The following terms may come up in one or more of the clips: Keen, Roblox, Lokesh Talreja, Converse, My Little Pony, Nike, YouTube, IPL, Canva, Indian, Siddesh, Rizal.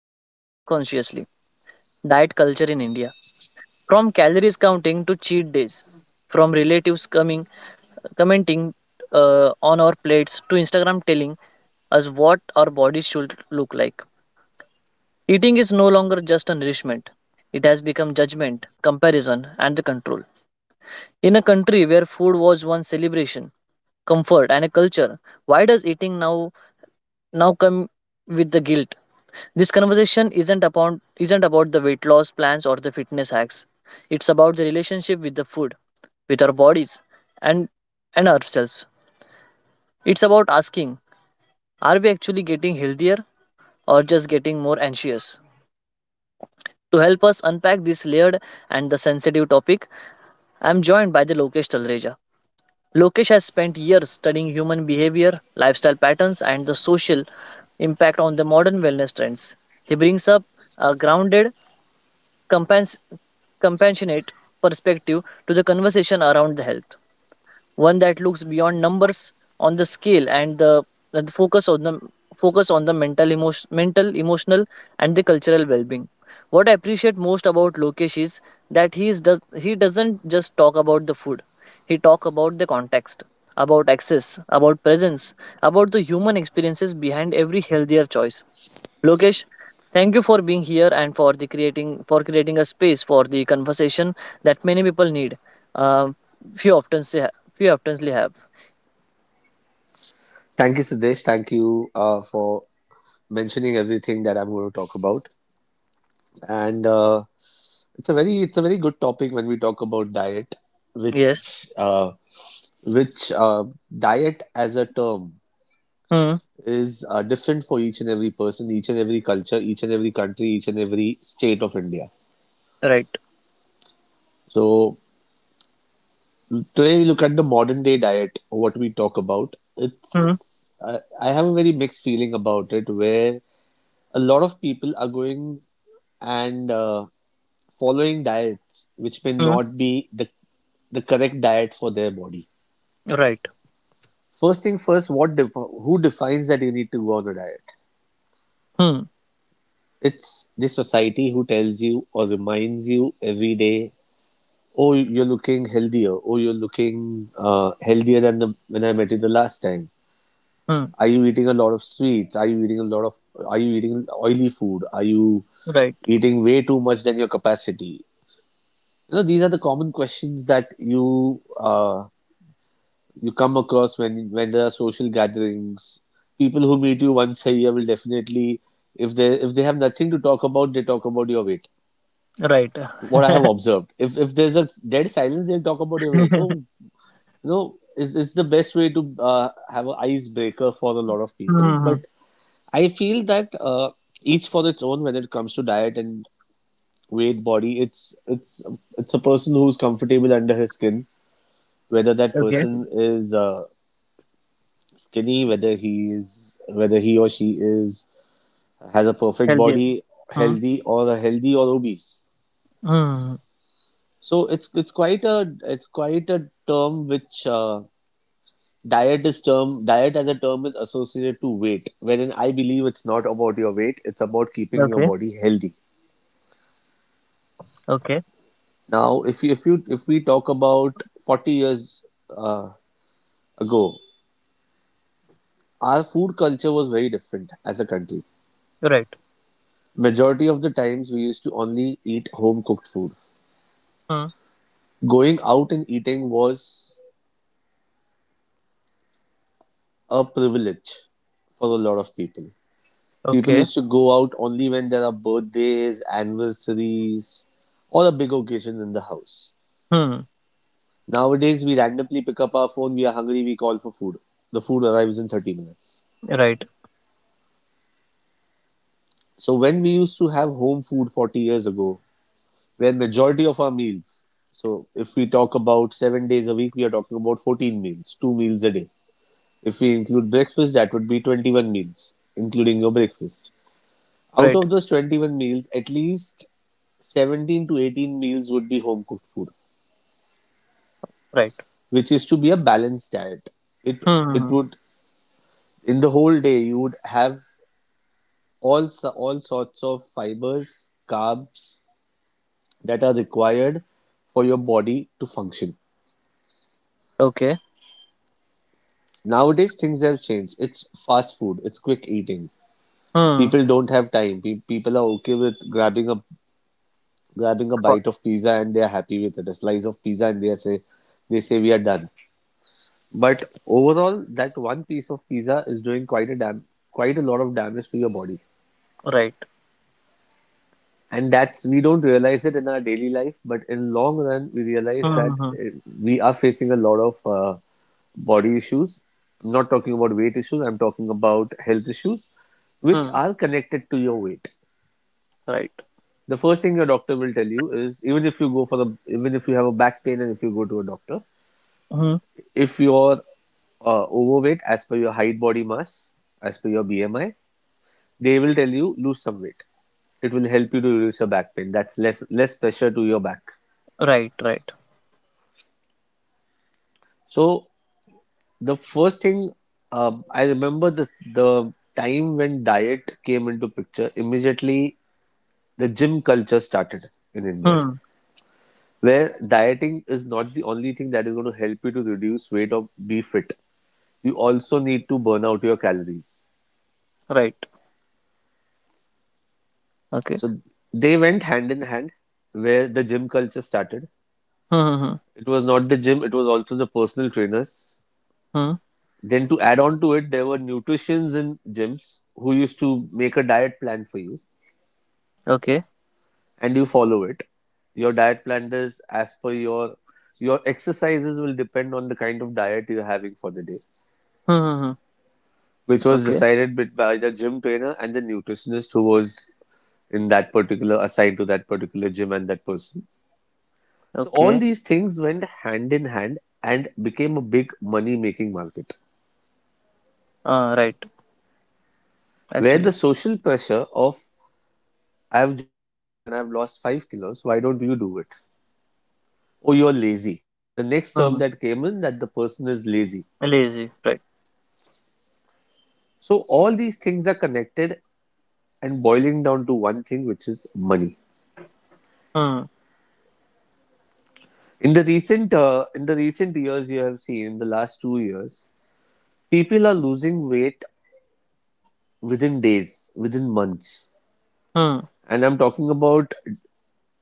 consciously diet culture in India. From calories counting to cheat days, from relatives coming commenting on our plates to Instagram telling us what our bodies should look like. Eating is no longer just a nourishment, it has become judgment, comparison, and the control. In a country where food was once celebration, comfort, and a culture, why does eating now come with the guilt? This conversation isn't about the weight loss plans or the fitness hacks. It's about the relationship with the food, with our bodies, and and ourselves. It's about asking, are we actually getting healthier or just getting more anxious? To help us unpack this layered and the sensitive topic, I am joined by the Lokesh Talreja. Lokesh has spent years studying human behavior, lifestyle patterns, and the social impact on the modern wellness trends. He brings up a grounded, compens- compassionate perspective to the conversation around the health, one that looks beyond numbers on the scale, and the focus on the mental emotional and the cultural well-being. What I appreciate most about Lokesh is that he doesn't just talk about the food. He talk about the context, about access, about presence, about the human experiences behind every healthier choice. Lokesh, thank you for being here and for the creating for creating a space for the conversation that many people need. Uh, few often say few oftenly have. Thank you, Siddesh. Thank you for mentioning everything that I'm going to talk about. And It's a very good topic when we talk about diet, Yes. which uh, which diet as a term Hmm. is different for each and every person, each and every culture, each and every country, each and every state of India. Right. So today we look at the modern day diet. What we talk about, Hmm. I have a very mixed feeling about it, where a lot of people are going and following diets which may Hmm. not be the correct diet for their body. Right. First thing first, who defines that you need to go on a diet? Hmm. It's the society who tells you or reminds you every day, oh, you're looking healthier, oh, you're looking healthier than when I met you the last time. Hmm. Are you eating a lot of sweets? Are you eating a lot of? Are you eating oily food? Are you Right. eating way too much than your capacity? You know, these are the common questions that you come across when there are social gatherings. People who meet you once a year will definitely, if they have nothing to talk about, they talk about your weight. Right. What I have observed, if there's a dead silence, they'll talk about your weight. Oh, you know, it's the best way to have an icebreaker for a lot of people. Hmm. But I feel that each for its own when it comes to diet and weight body. It's a person who's comfortable under his skin. Whether that Okay. person is skinny, whether he or she is has a perfect Healthier. body, Hmm. Healthy or obese. Hmm. So it's quite a term, which diet as a term is associated to weight. Wherein I believe it's not about your weight; it's about keeping your Okay. body healthy. Okay. Now, if we talk about 40 years uh, ago, our food culture was very different as a country. Right. Majority of the times, we used to only eat home cooked food. Hmm. Going out and eating was a privilege for a lot of people. People Okay. used to go out only when there are birthdays, anniversaries, or a big occasion in the house. Hmm. Nowadays, we randomly pick up our phone, we are hungry, we call for food. The food arrives in 30 minutes. Right. So when we used to have home food 40 years ago, where majority of our meals, so if we talk about 7 days a week, we are talking about 14 meals, 2 meals a day. If we include breakfast, that would be 21 meals, including your breakfast. Out Right. of those 21 meals, at least 17 to 18 meals would be home cooked food, Right. which is to be a balanced diet. It it Hmm. would in the whole day you would have all sorts of fibers, carbs that are required for your body to function. Okay. Nowadays things have changed. It's fast food. It's quick eating. Hmm. People don't have time. People are okay with grabbing a For- bite of pizza and they are happy with it, a slice of pizza and they say we are done. But overall, that one piece of pizza is doing quite a lot of damage to your body, Right. and that's we don't realize it in our daily life, but in long run we realize that Hmm. We are facing a lot of body issues. I'm not talking about weight issues. I'm talking about health issues, which Hmm. are connected to your weight. Right. The first thing your doctor will tell you is even if you go for the even if you have a back pain and if you go to a doctor, Mhm. if you're overweight as per your height body mass, as per your BMI, they will tell you lose some weight. It will help you to reduce your back pain. That's less pressure to your back. Right, right. So the first thing, I remember the time when diet came into picture. Immediately the gym culture started in India, Hmm. where dieting is not the only thing that is going to help you to reduce weight or be fit. You also need to burn out your calories. Right. Okay. So they went hand in hand where the gym culture started. Hmm. Hmm. It was not the gym, it was also the personal trainers. Hmm. Hmm. Then to add on to it, there were nutritionists in gyms who used to make a diet plan for you Okay. and you follow it. Your diet plan is as per your exercises will depend on the kind of diet you're having for the day, Hmm. Hmm, which hmm. was Okay. decided bit by the gym trainer and the nutritionist who was in that particular assigned to that particular gym and that person. So all Okay. these things went hand in hand and became a big money making market, Right. where the Actually. social pressure of I've joined a gym and I've lost 5 kilos, why don't you do it? Oh, you're lazy. The next term Hmm. that came in, that the person is lazy. Lazy. Right. So all these things are connected and boiling down to one thing, which is money. Hmm. In the recent in the recent years you have seen in the last 2 years people are losing weight within days, within months. Hmm. And I'm talking about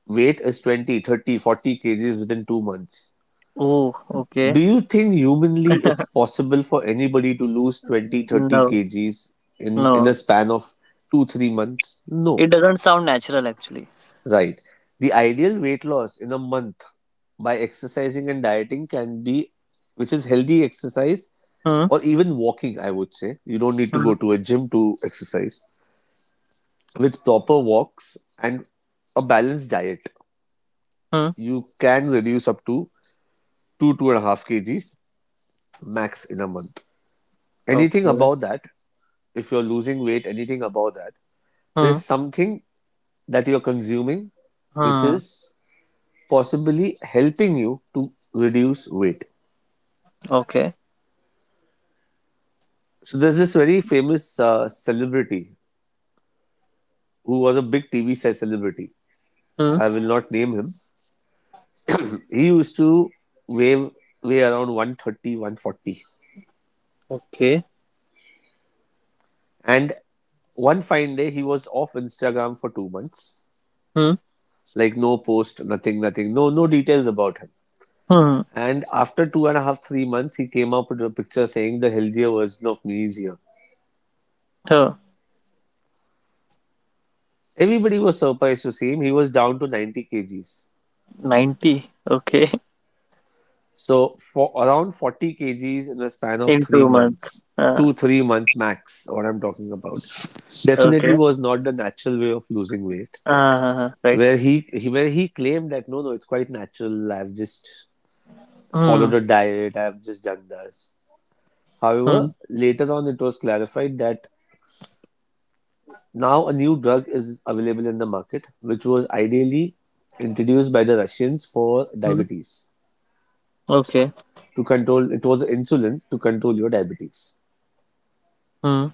weight is 20, 30, 40 kgs within 2 months. Oh. Okay. Do you think humanly it's possible for anybody to lose 20, No. 30 kgs in a No. span of two, 3 months? It No. doesn't sound natural actually. Right. The ideal weight loss in a month by exercising and dieting can be, which is healthy exercise Hmm. or even walking, I would say. You don't need to Hmm. go to a gym to exercise. With proper walks and a balanced diet, Hmm. you can reduce up to two, 2.5 kgs max in a month. Anything Okay. above that, if you're losing weight, anything above that, there's Hmm. something that you're consuming which Hmm. is possibly helping you to reduce weight. Okay. So there's this very famous celebrity who was a big celebrity. Hmm. I will not name him. He used to weigh, weigh around 130, 140. Okay. And one fine day, he was off Instagram for 2 months. Hmm. Like no post, nothing, nothing. No, no details about him. Hmm. And after two and a half, 3 months, he came up with a picture saying the healthier version of me is here. Huh. Everybody was surprised to see him. He was down to 90 kgs. 90. Okay. So for around 40 kgs in a span of In three 2 months. months, Uh, two, 3 months max, what I'm talking about, definitely okay. was not the natural way of losing weight. Right. Where he claimed that no, no, it's quite natural. I've just Hmm. followed a diet. I've just done this. However, Hmm. later on, it was clarified that now a new drug is available in the market, which was ideally introduced by the Russians for hmm, diabetes okay, to control. It was insulin to control your diabetes. Hmm.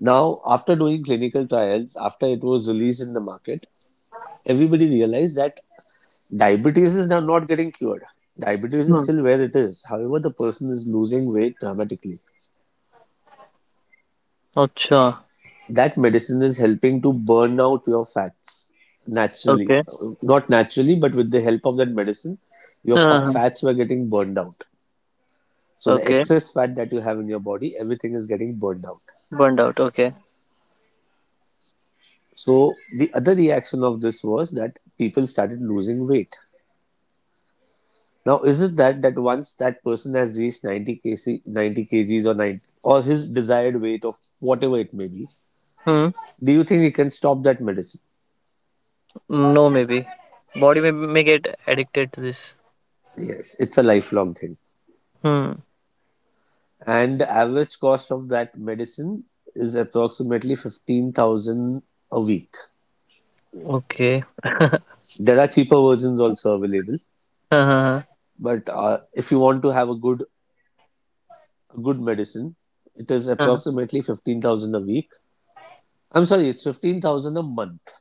Now, after doing clinical trials, after it was released in the market, everybody realized that diabetes is now not getting cured. Diabetes is hmm. still where it is. However, the person is losing weight dramatically. अच्छा, That medicine is helping to burn out your fats okay. naturally, not naturally but with the help of that medicine your हाँ, हाँ, fats were getting burned out. So हाँ, the okay, excess fat that you have in your body everything is getting burned out. Burned out, okay. So the other reaction of this was that people started losing weight. Now is it that once that person has reached 90 kg, 90 kgs or 90 or his desired weight of whatever it may be, hmm, do you think he can stop that medicine? No maybe, body में may get addicted to this. Yes, it's a lifelong thing. Hmm, And the average cost of that medicine is approximately 15,000 a week. Okay. There are cheaper versions also available, हाँ, हाँ, but if you want to have a good medicine, it is हाँ, हाँ, approximately 15,000 a week. I'm sorry, it's 15,000 a month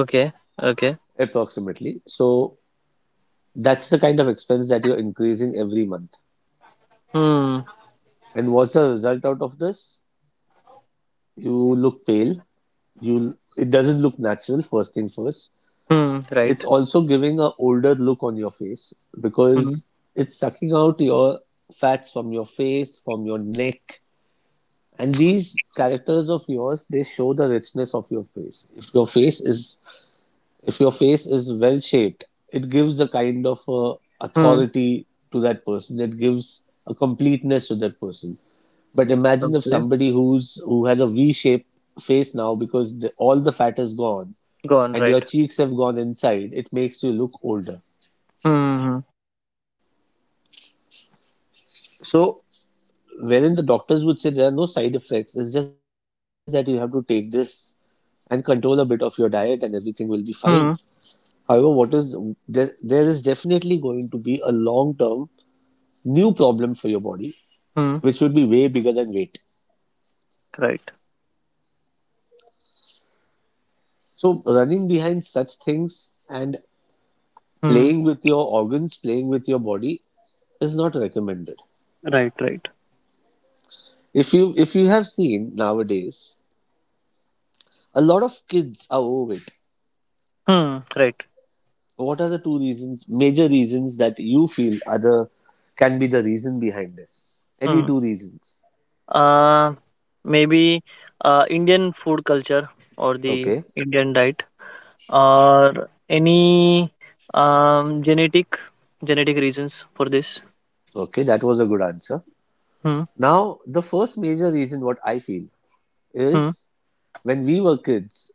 okay, okay. approximately. So that's the kind of expense that you're increasing every month. Hmm, And what's the result out of this? You look pale. You it doesn't look natural first thing first. Hmm, right. It's also giving a older look on your face hmm, because it's sucking out your fats from your face, from your neck. And these characters of yours, they show the richness of your face. If your face is well shaped, it gives a kind of hmm, authority to that person. It gives a completeness to that person. But imagine if okay, somebody who has a V-shaped face now because all the fat is gone gone and your right. cheeks have gone inside, it makes you look older. Hmm, hmm, So, wherein the doctors would say there are no side effects, it's just that you have to take this and control a bit of your diet and everything will be fine. Hmm, However, there is definitely going to be a long term new problem for your body, which hmm, would be way bigger than weight. Right. So, running behind such things and hmm, playing with your organs, playing with your body is not recommended. Right, right. If you have seen nowadays, a lot of kids are overweight. Hmm, right, What are the two reasons, major reasons that you feel other can be the reason behind this? Any hmm. two reasons. A, maybe Indian food culture और the Okay. Indian diet. Or any um, genetic genetic reasons for this? Okay, that was a good answer. Hmm. Now, the first major reason what I feel Hmm. is when we were kids,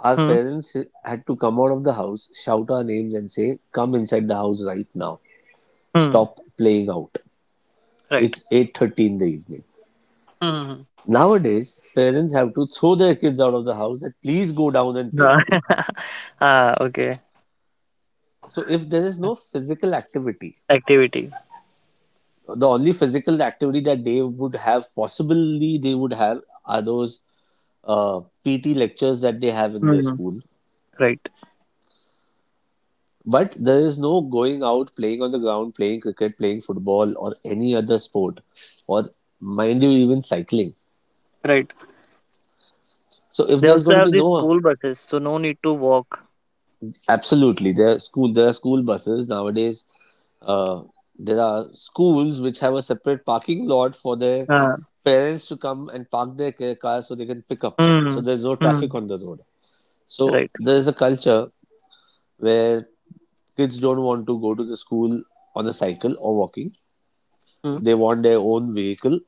our Hmm. parents had to come out of the house, shout our names and say, come inside the house right now. Hmm. Stop playing out. Right. It's 8:30 in the evening. Hmm. Nowadays, parents have to throw their kids out of the house that please go down and Ah. play. Ah. Okay. So if there is no physical activity, Activity. the only physical activity that they would have, possibly they would have, are those PT lectures that they have in their Hmm. school. Right. But there is no going out, playing on the ground, playing cricket, playing football, or any other sport, or mind you, even cycling. Right. So if They there's also going to have be these no, school buses, so no need to walk. absolutely, there are school buses nowadays. Uh, there are schools which have a separate parking lot for their Ah. parents to come and park their cars so they can pick up. So Hmm. there's no Hmm. traffic on the road. So Right. there is a culture where kids don't want to go to the school on a cycle or walking. Hmm. They want their own vehicle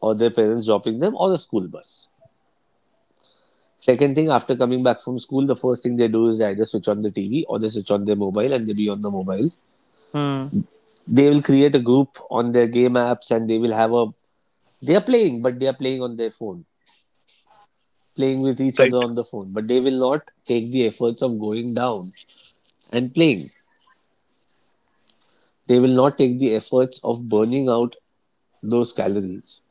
or their parents dropping them or a school bus. Second thing, after coming back from school, the first thing they do is they either switch on the TV or they switch on their mobile and they be on the mobile. Hmm. They will create a group on their game apps and they will have a. They are playing, but they are playing on their phone, playing with each Right. other on the phone, but they will not take the efforts of going down and playing. They will not take the efforts of burning out those calories.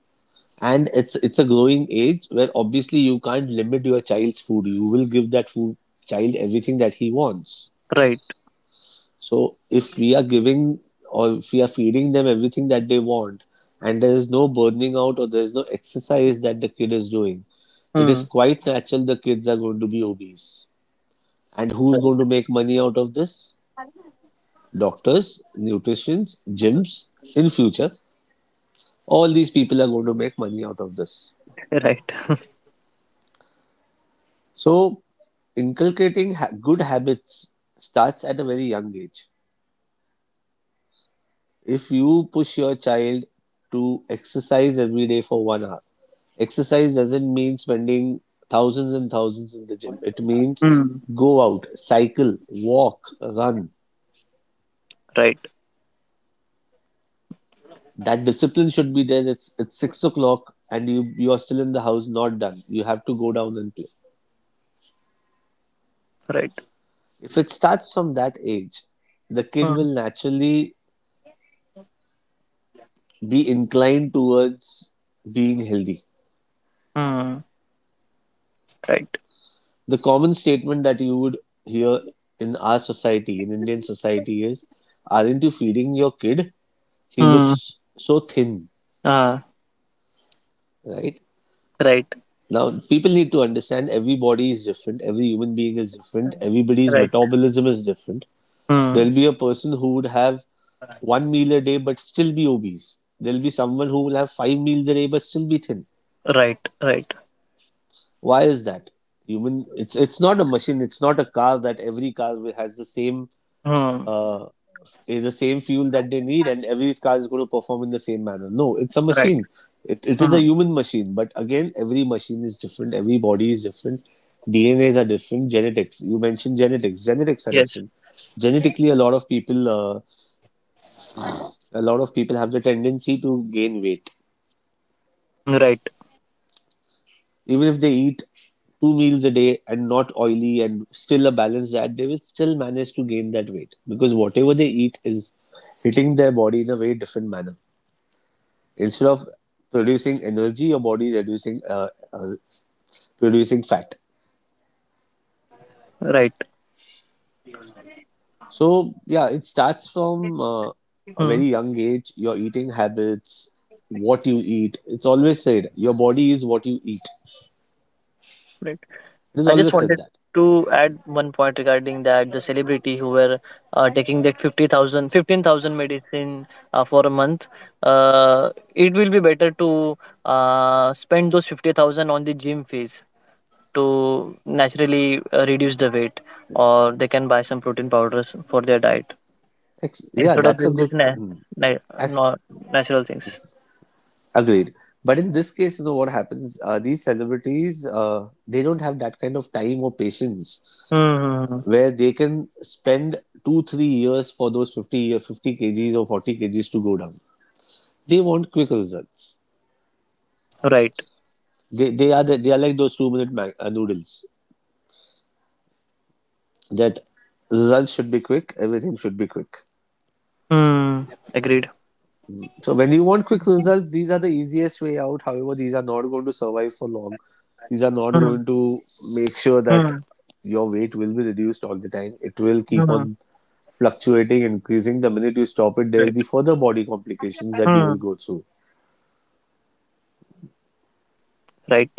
And it's a growing age where obviously you can't limit your child's food. You will give that food child everything that he wants. Right. So if we are giving or if we are feeding them everything that they want, and there is no burning out or there is no exercise that the kid is doing, it is Hmm. quite natural the kids are going to be obese. And who's Right. going to make money out of this? Doctors, nutritionists, gyms. In future, all these people are going to make money out of this. Right. So, inculcating good habits starts at a very young age. If you push your child to exercise every day for 1 hour, exercise doesn't mean spending thousands and thousands in the gym. It means Hmm. go out, cycle, walk, run. Right. That discipline should be there. It's 6 o'clock and you are still in the house, not done. You have to go down and play. Right. If it starts from that age, the kid Hmm. will naturally be inclined towards being healthy. Hmm. Right. The common statement that you would hear in our society, in Indian society, is, aren't you feeding your kid? He Hmm. looks so thin, Ah. right? Right. Now, people need to understand every body is different, every human being is different, everybody's Right. metabolism is different. Hmm. There'll be a person who would have one meal a day but still be obese. There'll be someone who will have five meals a day but still be thin. Right, right. Why is that? Human, it's not a machine. It's not a car that every car has the same Hmm. uh, is the same fuel that they need, and every car is going to perform in the same manner. No, it's a Right. machine. It is Hmm. a human machine, but again, every machine is different. Every body is different. DNAs are different. Genetics. You mentioned genetics. Genetics are Yes. different. Genetically, a lot of people, a lot of people have the tendency to gain weight. Hmm. Right. Even if they eat two meals a day and not oily and still a balanced diet, they will still manage to gain that weight because whatever they eat is hitting their body in a very different manner. Instead of producing energy, your body is reducing, producing fat. Right. So yeah, it starts from a very Hmm. young age. Your eating habits, what you eat. It's always said your body is what you eat. Right. It is I just always said wanted that. to add one point regarding that the celebrity who were taking that 50,000, 15,000 medicine for a month. It will be better to spend those 50,000 on the gym fees to naturally reduce the weight, or they can buy some protein powders for their diet Yeah, instead of that's a doing good. this Mm. na- Ac- no- natural things. Agreed. But in this case, you know what happens? These celebrities, they don't have that kind of time or patience Mhm. where they can spend two, 3 years for those 50, 50 kgs or 40 kgs to go down. They want quick results. Right. They are like those 2 minute noodles, that results should be quick, everything should be quick. Hmm. Agreed. So when you want quick results, these are the easiest way out. However, these are not going to survive for long. These are not Hmm. going to make sure that Hmm. your weight will be reduced all the time. It will keep Hmm. on fluctuating, increasing. The minute you stop it, there will Right. be further body complications that you will Hmm. go through. Right.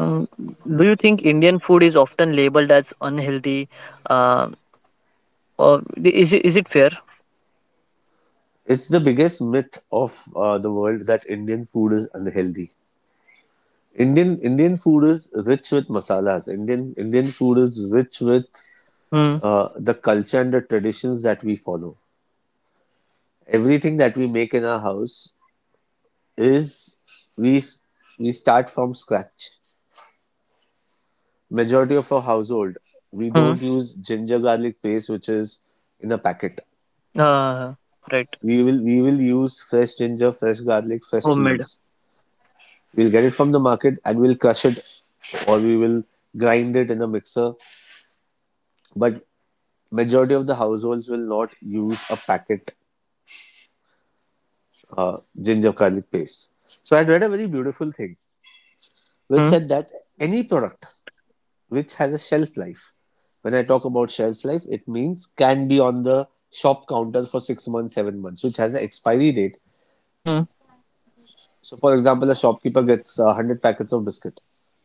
Mm. Do you think Indian food is often labeled as unhealthy? Uh, or Is it fair? It's the biggest myth of the world that Indian food is unhealthy. Indian food is rich with masalas. Indian food is rich with Hmm. The culture and the traditions that we follow. Everything that we make in our house is we we start from scratch. Majority of our household, we Hmm. don't use ginger garlic paste, which is in a packet. Uh, right. We will use fresh ginger, fresh garlic, fresh Homemade. chilies. We'll get it from the market and we'll crush it, or we will grind it in a mixer. But majority of the households will not use a packet ginger garlic paste. So I had read a very beautiful thing which Hmm. said that any product which has a shelf life. When I talk about shelf life, it means can be on the shop counter for 6 months, 7 months, which has an expiry date. Hmm. So, for example, a shopkeeper gets 100 packets of biscuit.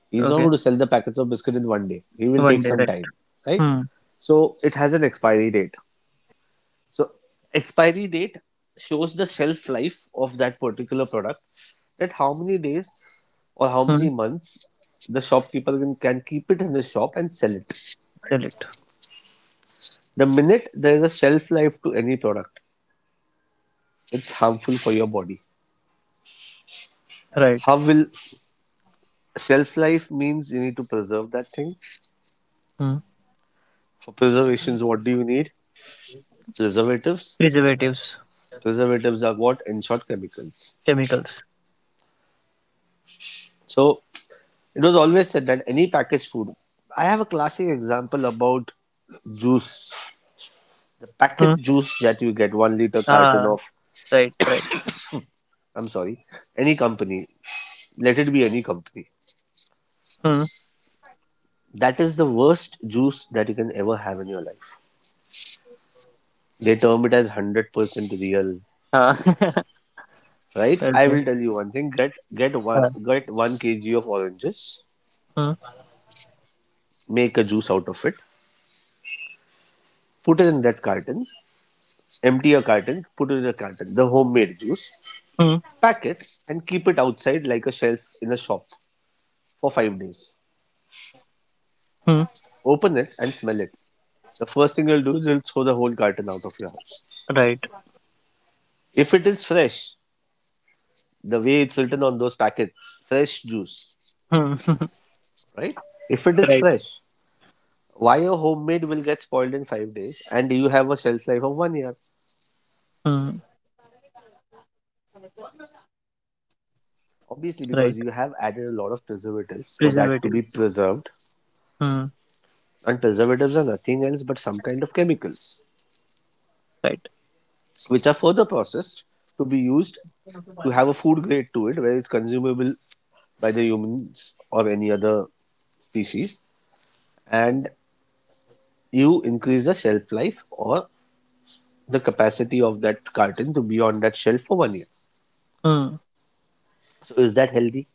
He's not Okay. going to sell the packets of biscuit in one day. He will One take day, some right. time, right? Hmm. So, it has an expiry date. So, expiry date shows the shelf life of that particular product, that how many days or how many Hmm. months the shopkeeper can keep it in his shop and sell it. Sell it. The minute there is a shelf life to any product, it's harmful for your body. Right. How will Shelf life means you need to preserve that thing. Hmm. For preservations, what do you need? Preservatives. Preservatives, Preservatives are what? In short, chemicals. chemicals. So it was always said that any packaged food. I have a classic example about juice. The Hmm. packet juice that you get, 1 liter carton Ah, of, right, right. I'm sorry, any company, let it be any company. Hmm. That is the worst juice that you can ever have in your life. They term it as 100% real, Ah. right? I Okay. will tell you one thing: get get one Ah. get one kg of oranges, Hmm. make a juice out of it, put it in that carton, empty a carton, put it in a carton, the homemade juice, Hmm. pack it, and keep it outside like a shelf in a shop for 5 days. Hmm. Open it and smell it. The first thing you'll do is you'll throw the whole carton out of your house. Right. If it is fresh, the way it's written on those packets, fresh juice, Hmm. right? If it is Right. fresh, why a homemade will get spoiled in 5 days and you have a shelf life of 1 year? Hmm. Obviously, Right. because you have added a lot of preservatives for that to be Preservatives. preserved. Hmm. And preservatives are nothing else but some kind of chemicals, Right. which are further processed to be used to have a food grade to it, where it's consumable by the humans or any other species. And you increase the shelf life or the capacity of that carton to be on that shelf for 1 year. Hmm. So, is that healthy?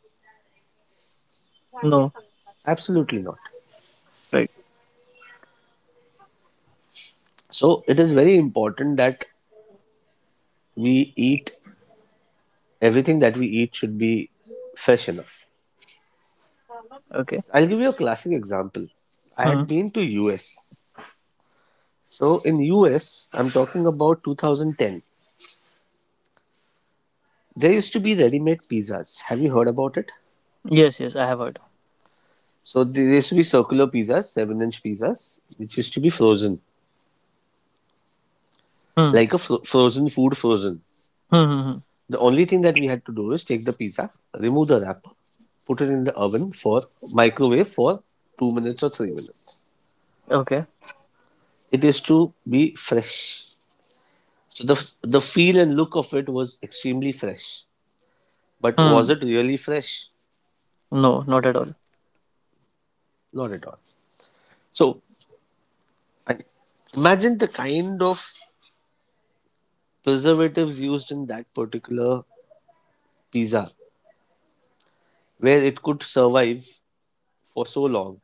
No. Absolutely not. Right. So it is very important that we eat, everything that we eat should be fresh enough. Okay. I'll give you a classic example. I Hmm. had been to US. So in US, I'm talking about 2010. There used to be ready-made pizzas. Have you heard about it? Yes. Yes. I have heard. So there used to be circular pizzas, 7-inch pizzas, which used to be frozen, Hmm. like a frozen food frozen. Hmm. Hmm, hmm. The only thing that we had to do is take the pizza, remove the wrapper, put it in the oven for microwave for 2 minutes or 3 minutes. Okay. It is to be fresh. So the feel and look of it was extremely fresh. But was Hmm. it really fresh? No. Not at all. Not at all. So I- imagine the kind of preservatives used in that particular pizza, where it could survive for so long,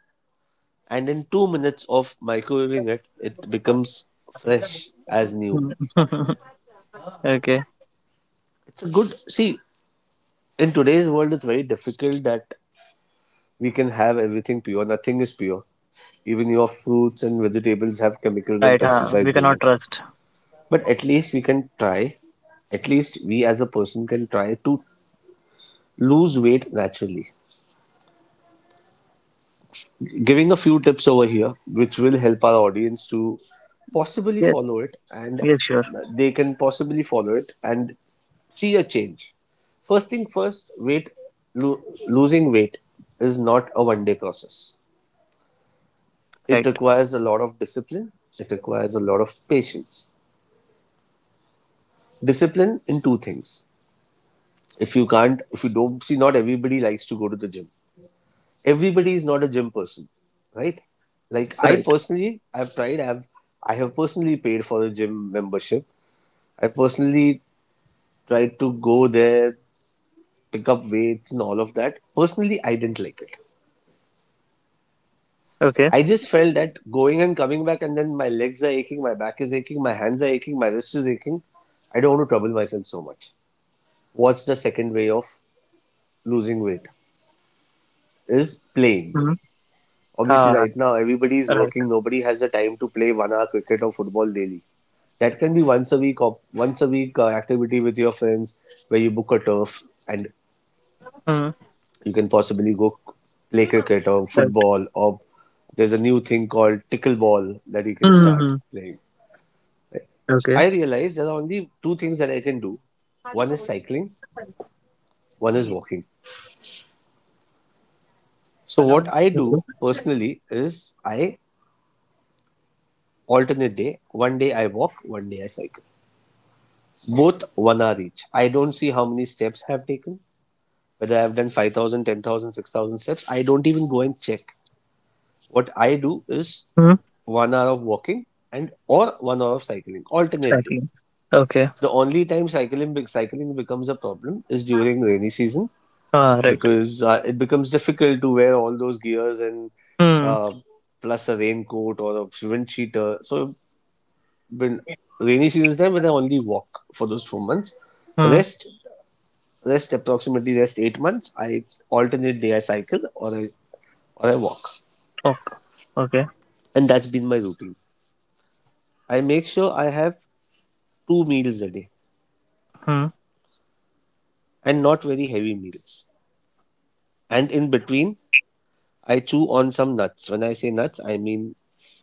and in 2 minutes of microwaving it, it becomes fresh as new. Hmm. Okay. It's a good see. In today's world, it's very difficult that we can have everything pure. Nothing is pure. Even your fruits and vegetables have chemicals and Right. Huh. We pesticides in cannot it. trust. But at least we can try, at least we as a person can try to lose weight naturally. Giving a few tips over here, which will help our audience to possibly Yes. follow it, and Yes. Sure. they can possibly follow it and see a change. First thing first, weight lo- losing weight is not a one day process. It Right. requires a lot of discipline. It requires a lot of patience. Discipline in two things. If you don't see, not everybody likes to go to the gym. Everybody is not a gym person, right? Like, I Right. personally, I've tried, I have personally paid for a gym membership. I personally tried to go there, pick up weights and all of that. Personally, I didn't like it. Okay. I just felt that going and coming back, and then my legs are aching, my back is aching, my hands are aching, my wrist is aching. I don't want to trouble myself so much. What's the second way of losing weight? Is playing. Hmm. Obviously, Ah. right now everybody is Right. working. Nobody has the time to play one hour cricket or football daily. That can be once a week, or once a week activity with your friends where you book a turf and Hmm. you can possibly go play cricket or Right. football, or there's a new thing called tickleball that you can Hmm. Hmm, start hmm. playing. So Okay. I realized there are only two things that I can do. One is cycling, one is Okay. walking. So what I do personally is I alternate day. One day I walk, one day I cycle. Both one hour each. I don't see how many steps I have taken, whether I've done 5,000, 10,000, 6,000 steps. I don't even go and check. What I do is Hmm. one hour of walking, and or one hour of cycling alternately. Exactly. Okay. The only time cycling becomes a problem is during rainy season, Ah, right. because it becomes difficult to wear all those gears and Hmm. uh, plus a raincoat or a wind cheater. So when rainy season is time, when I only walk for those 4 months, Hmm. rest rest approximately rest 8 months. I alternate day, I cycle or I walk, Ok okay. and that's been my routine. I make sure I have two meals a day, Hmm. and not very heavy meals. And in between, I chew on some nuts. When I say nuts, I mean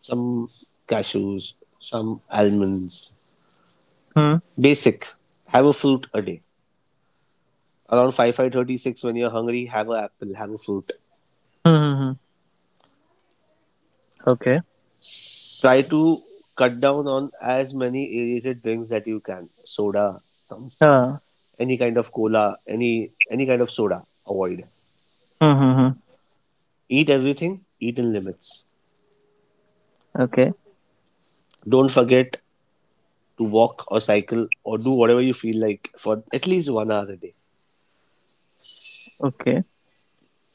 some cashews, some almonds. Hmm. Basic. Have a fruit a day. Around 5, five thirty six, when you're hungry, have an apple, have a fruit. Hmm, hmm, hmm. Okay. Try to cut down on as many aerated drinks that you can. Soda, thumbs, Ah. any kind of cola, any kind of soda, avoid. Hmm, hmm, hmm. Eat everything, eat in limits. Okay. Don't forget to walk or cycle or do whatever you feel like for at least one hour a day. Okay.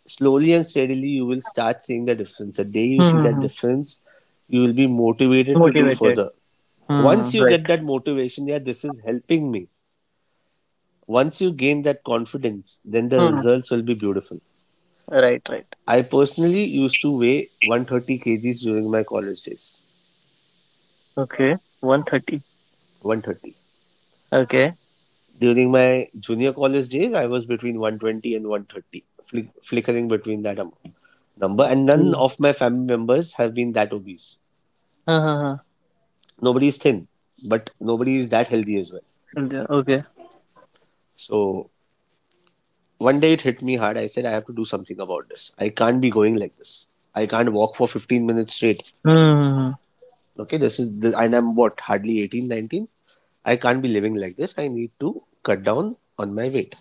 Slowly and steadily, you will start seeing the difference. The day you Hmm, see hmm, that hmm. difference, you will be motivated to do Motivated. further. Hmm. Once you Right. get that motivation, yeah, this is helping me. Once you gain that confidence, then the Hmm. results will be beautiful. Right, right. I personally used to weigh 130 kg kgs during my college days. Okay. 130. 130. Okay. During my junior college days, I was between 120 and 130, flickering between that amount. Number, and none Hmm. of my family members have been that obese. Huh, huh, huh. Nobody is thin, but nobody is that healthy as well. Yeah, okay. So one day it hit me hard. I said, I have to do something about this. I can't be going like this. I can't walk for 15 minutes straight. Hmm. Hmm, hmm. Okay, this is, this, and I'm what, hardly 18, 19. I can't be living like this. I need to cut down on my weight.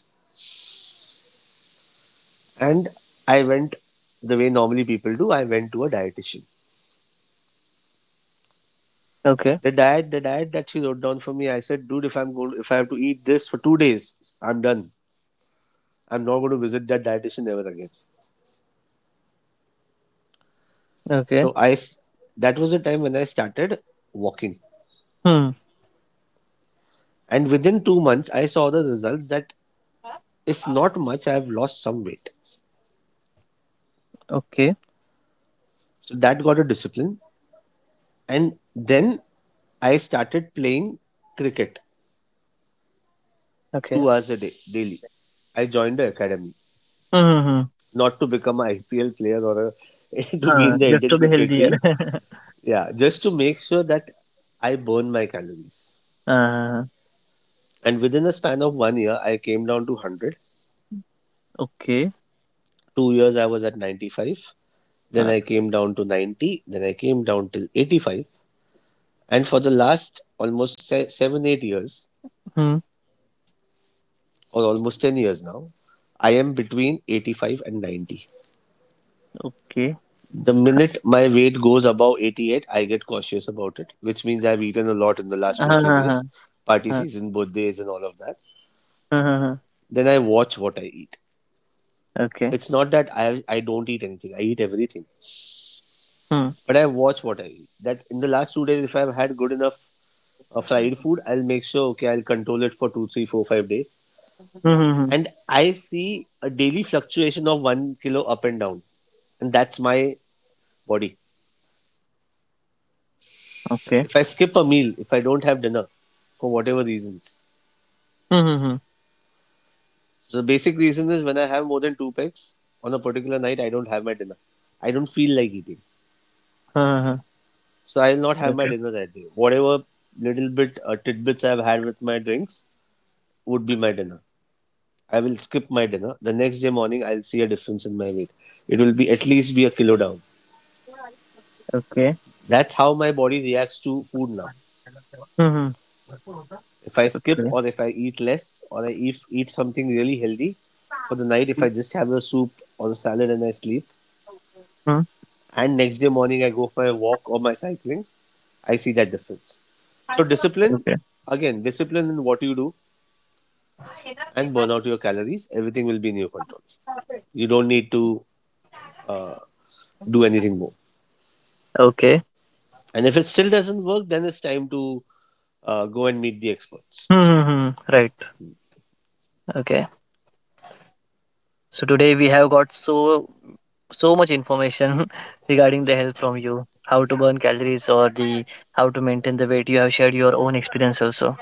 And I went the way normally people do. I went to a dietitian. Okay. The diet that she wrote down for me, I said, dude, if I'm going, if I have to eat this for 2 days, I'm done. I'm not going to visit that dietitian ever again. Okay. So that was the time when I started walking, Hmm. and within 2 months, I saw the results that, if not much, I have lost some weight. Okay. So that got a discipline, and then I started playing cricket Okay. 2 hours a day daily. I joined the academy, Hmm. Hmm, hmm. not to become an IPL player or a, to be in Huh, the just Indian to be cricket healthier. team. Yeah, just to make sure that I burn my calories. Uh, And within a span of one year, I came down to 100. okay. 2 years, I was at 95. Then Uh, I came down to 90. Then I came down till 85. And for the last almost 7, 8 years, hmm. or almost 10 years now, I am between 85 and 90. Okay. The minute my weight goes above 88, I get cautious about it, which means I've eaten a lot in the last 2, three Huh, huh, huh, days, party huh, season, birthdays, and all of that. huh, huh, huh. Then I watch what I eat. Okay. It's not that I don't eat anything, I eat everything, Hmm. but I watch what I eat. That in the last 2 days, if I've had good enough fried food, Hmm. I'll make sure, okay, I'll control it for 2, 3, 4, 5 days. Hmm. Hmm. And I see a daily fluctuation of 1 kilo up and down. And that's my body. Okay. If I skip a meal, if I don't have dinner, for whatever reasons, Hmm. Hmm. Hmm. so the basic reason is when I have more than two packs on a particular night, I don't have my dinner. I don't feel like eating. Huh, huh, huh. So I'll not have my Okay. dinner that day. Whatever little bit tidbits I've had with my drinks would be my dinner. I will skip my dinner. The next day morning, I'll see a difference in my weight. It will be at least be a kilo down. Okay. That's how my body reacts to food now. Hmm. Hmm. If I skip, Okay. or if I eat less, or I eat something really healthy for the night, if I just have a soup or a salad and I sleep, Hmm. and next day morning I go for a walk or my cycling, I see that difference. So discipline, Okay. again, discipline in what you do and burn out your calories, everything will be in your control. You don't need to uh, do anything more. Okay. And if it still doesn't work, then it's time to go and meet the experts. Hmm. Hmm, hmm. Right. Okay. So today we have got so much information regarding the health from you, how to burn calories or the how to maintain the weight. You have shared your own experience also.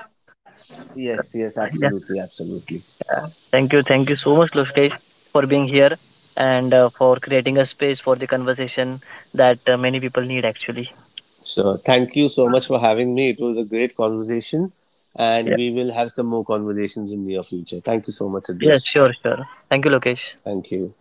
Yes, yes, absolutely, absolutely. Yeah. Thank you. Thank you so much, Lokesh, for being here and for creating a space for the conversation that many people need actually. So thank you so much for having me. It was a great conversation, and Yeah. we will have some more conversations in the near future. Thank you so much, Yeah, Adesh. sure, sure. Thank you, Lokesh. Thank you.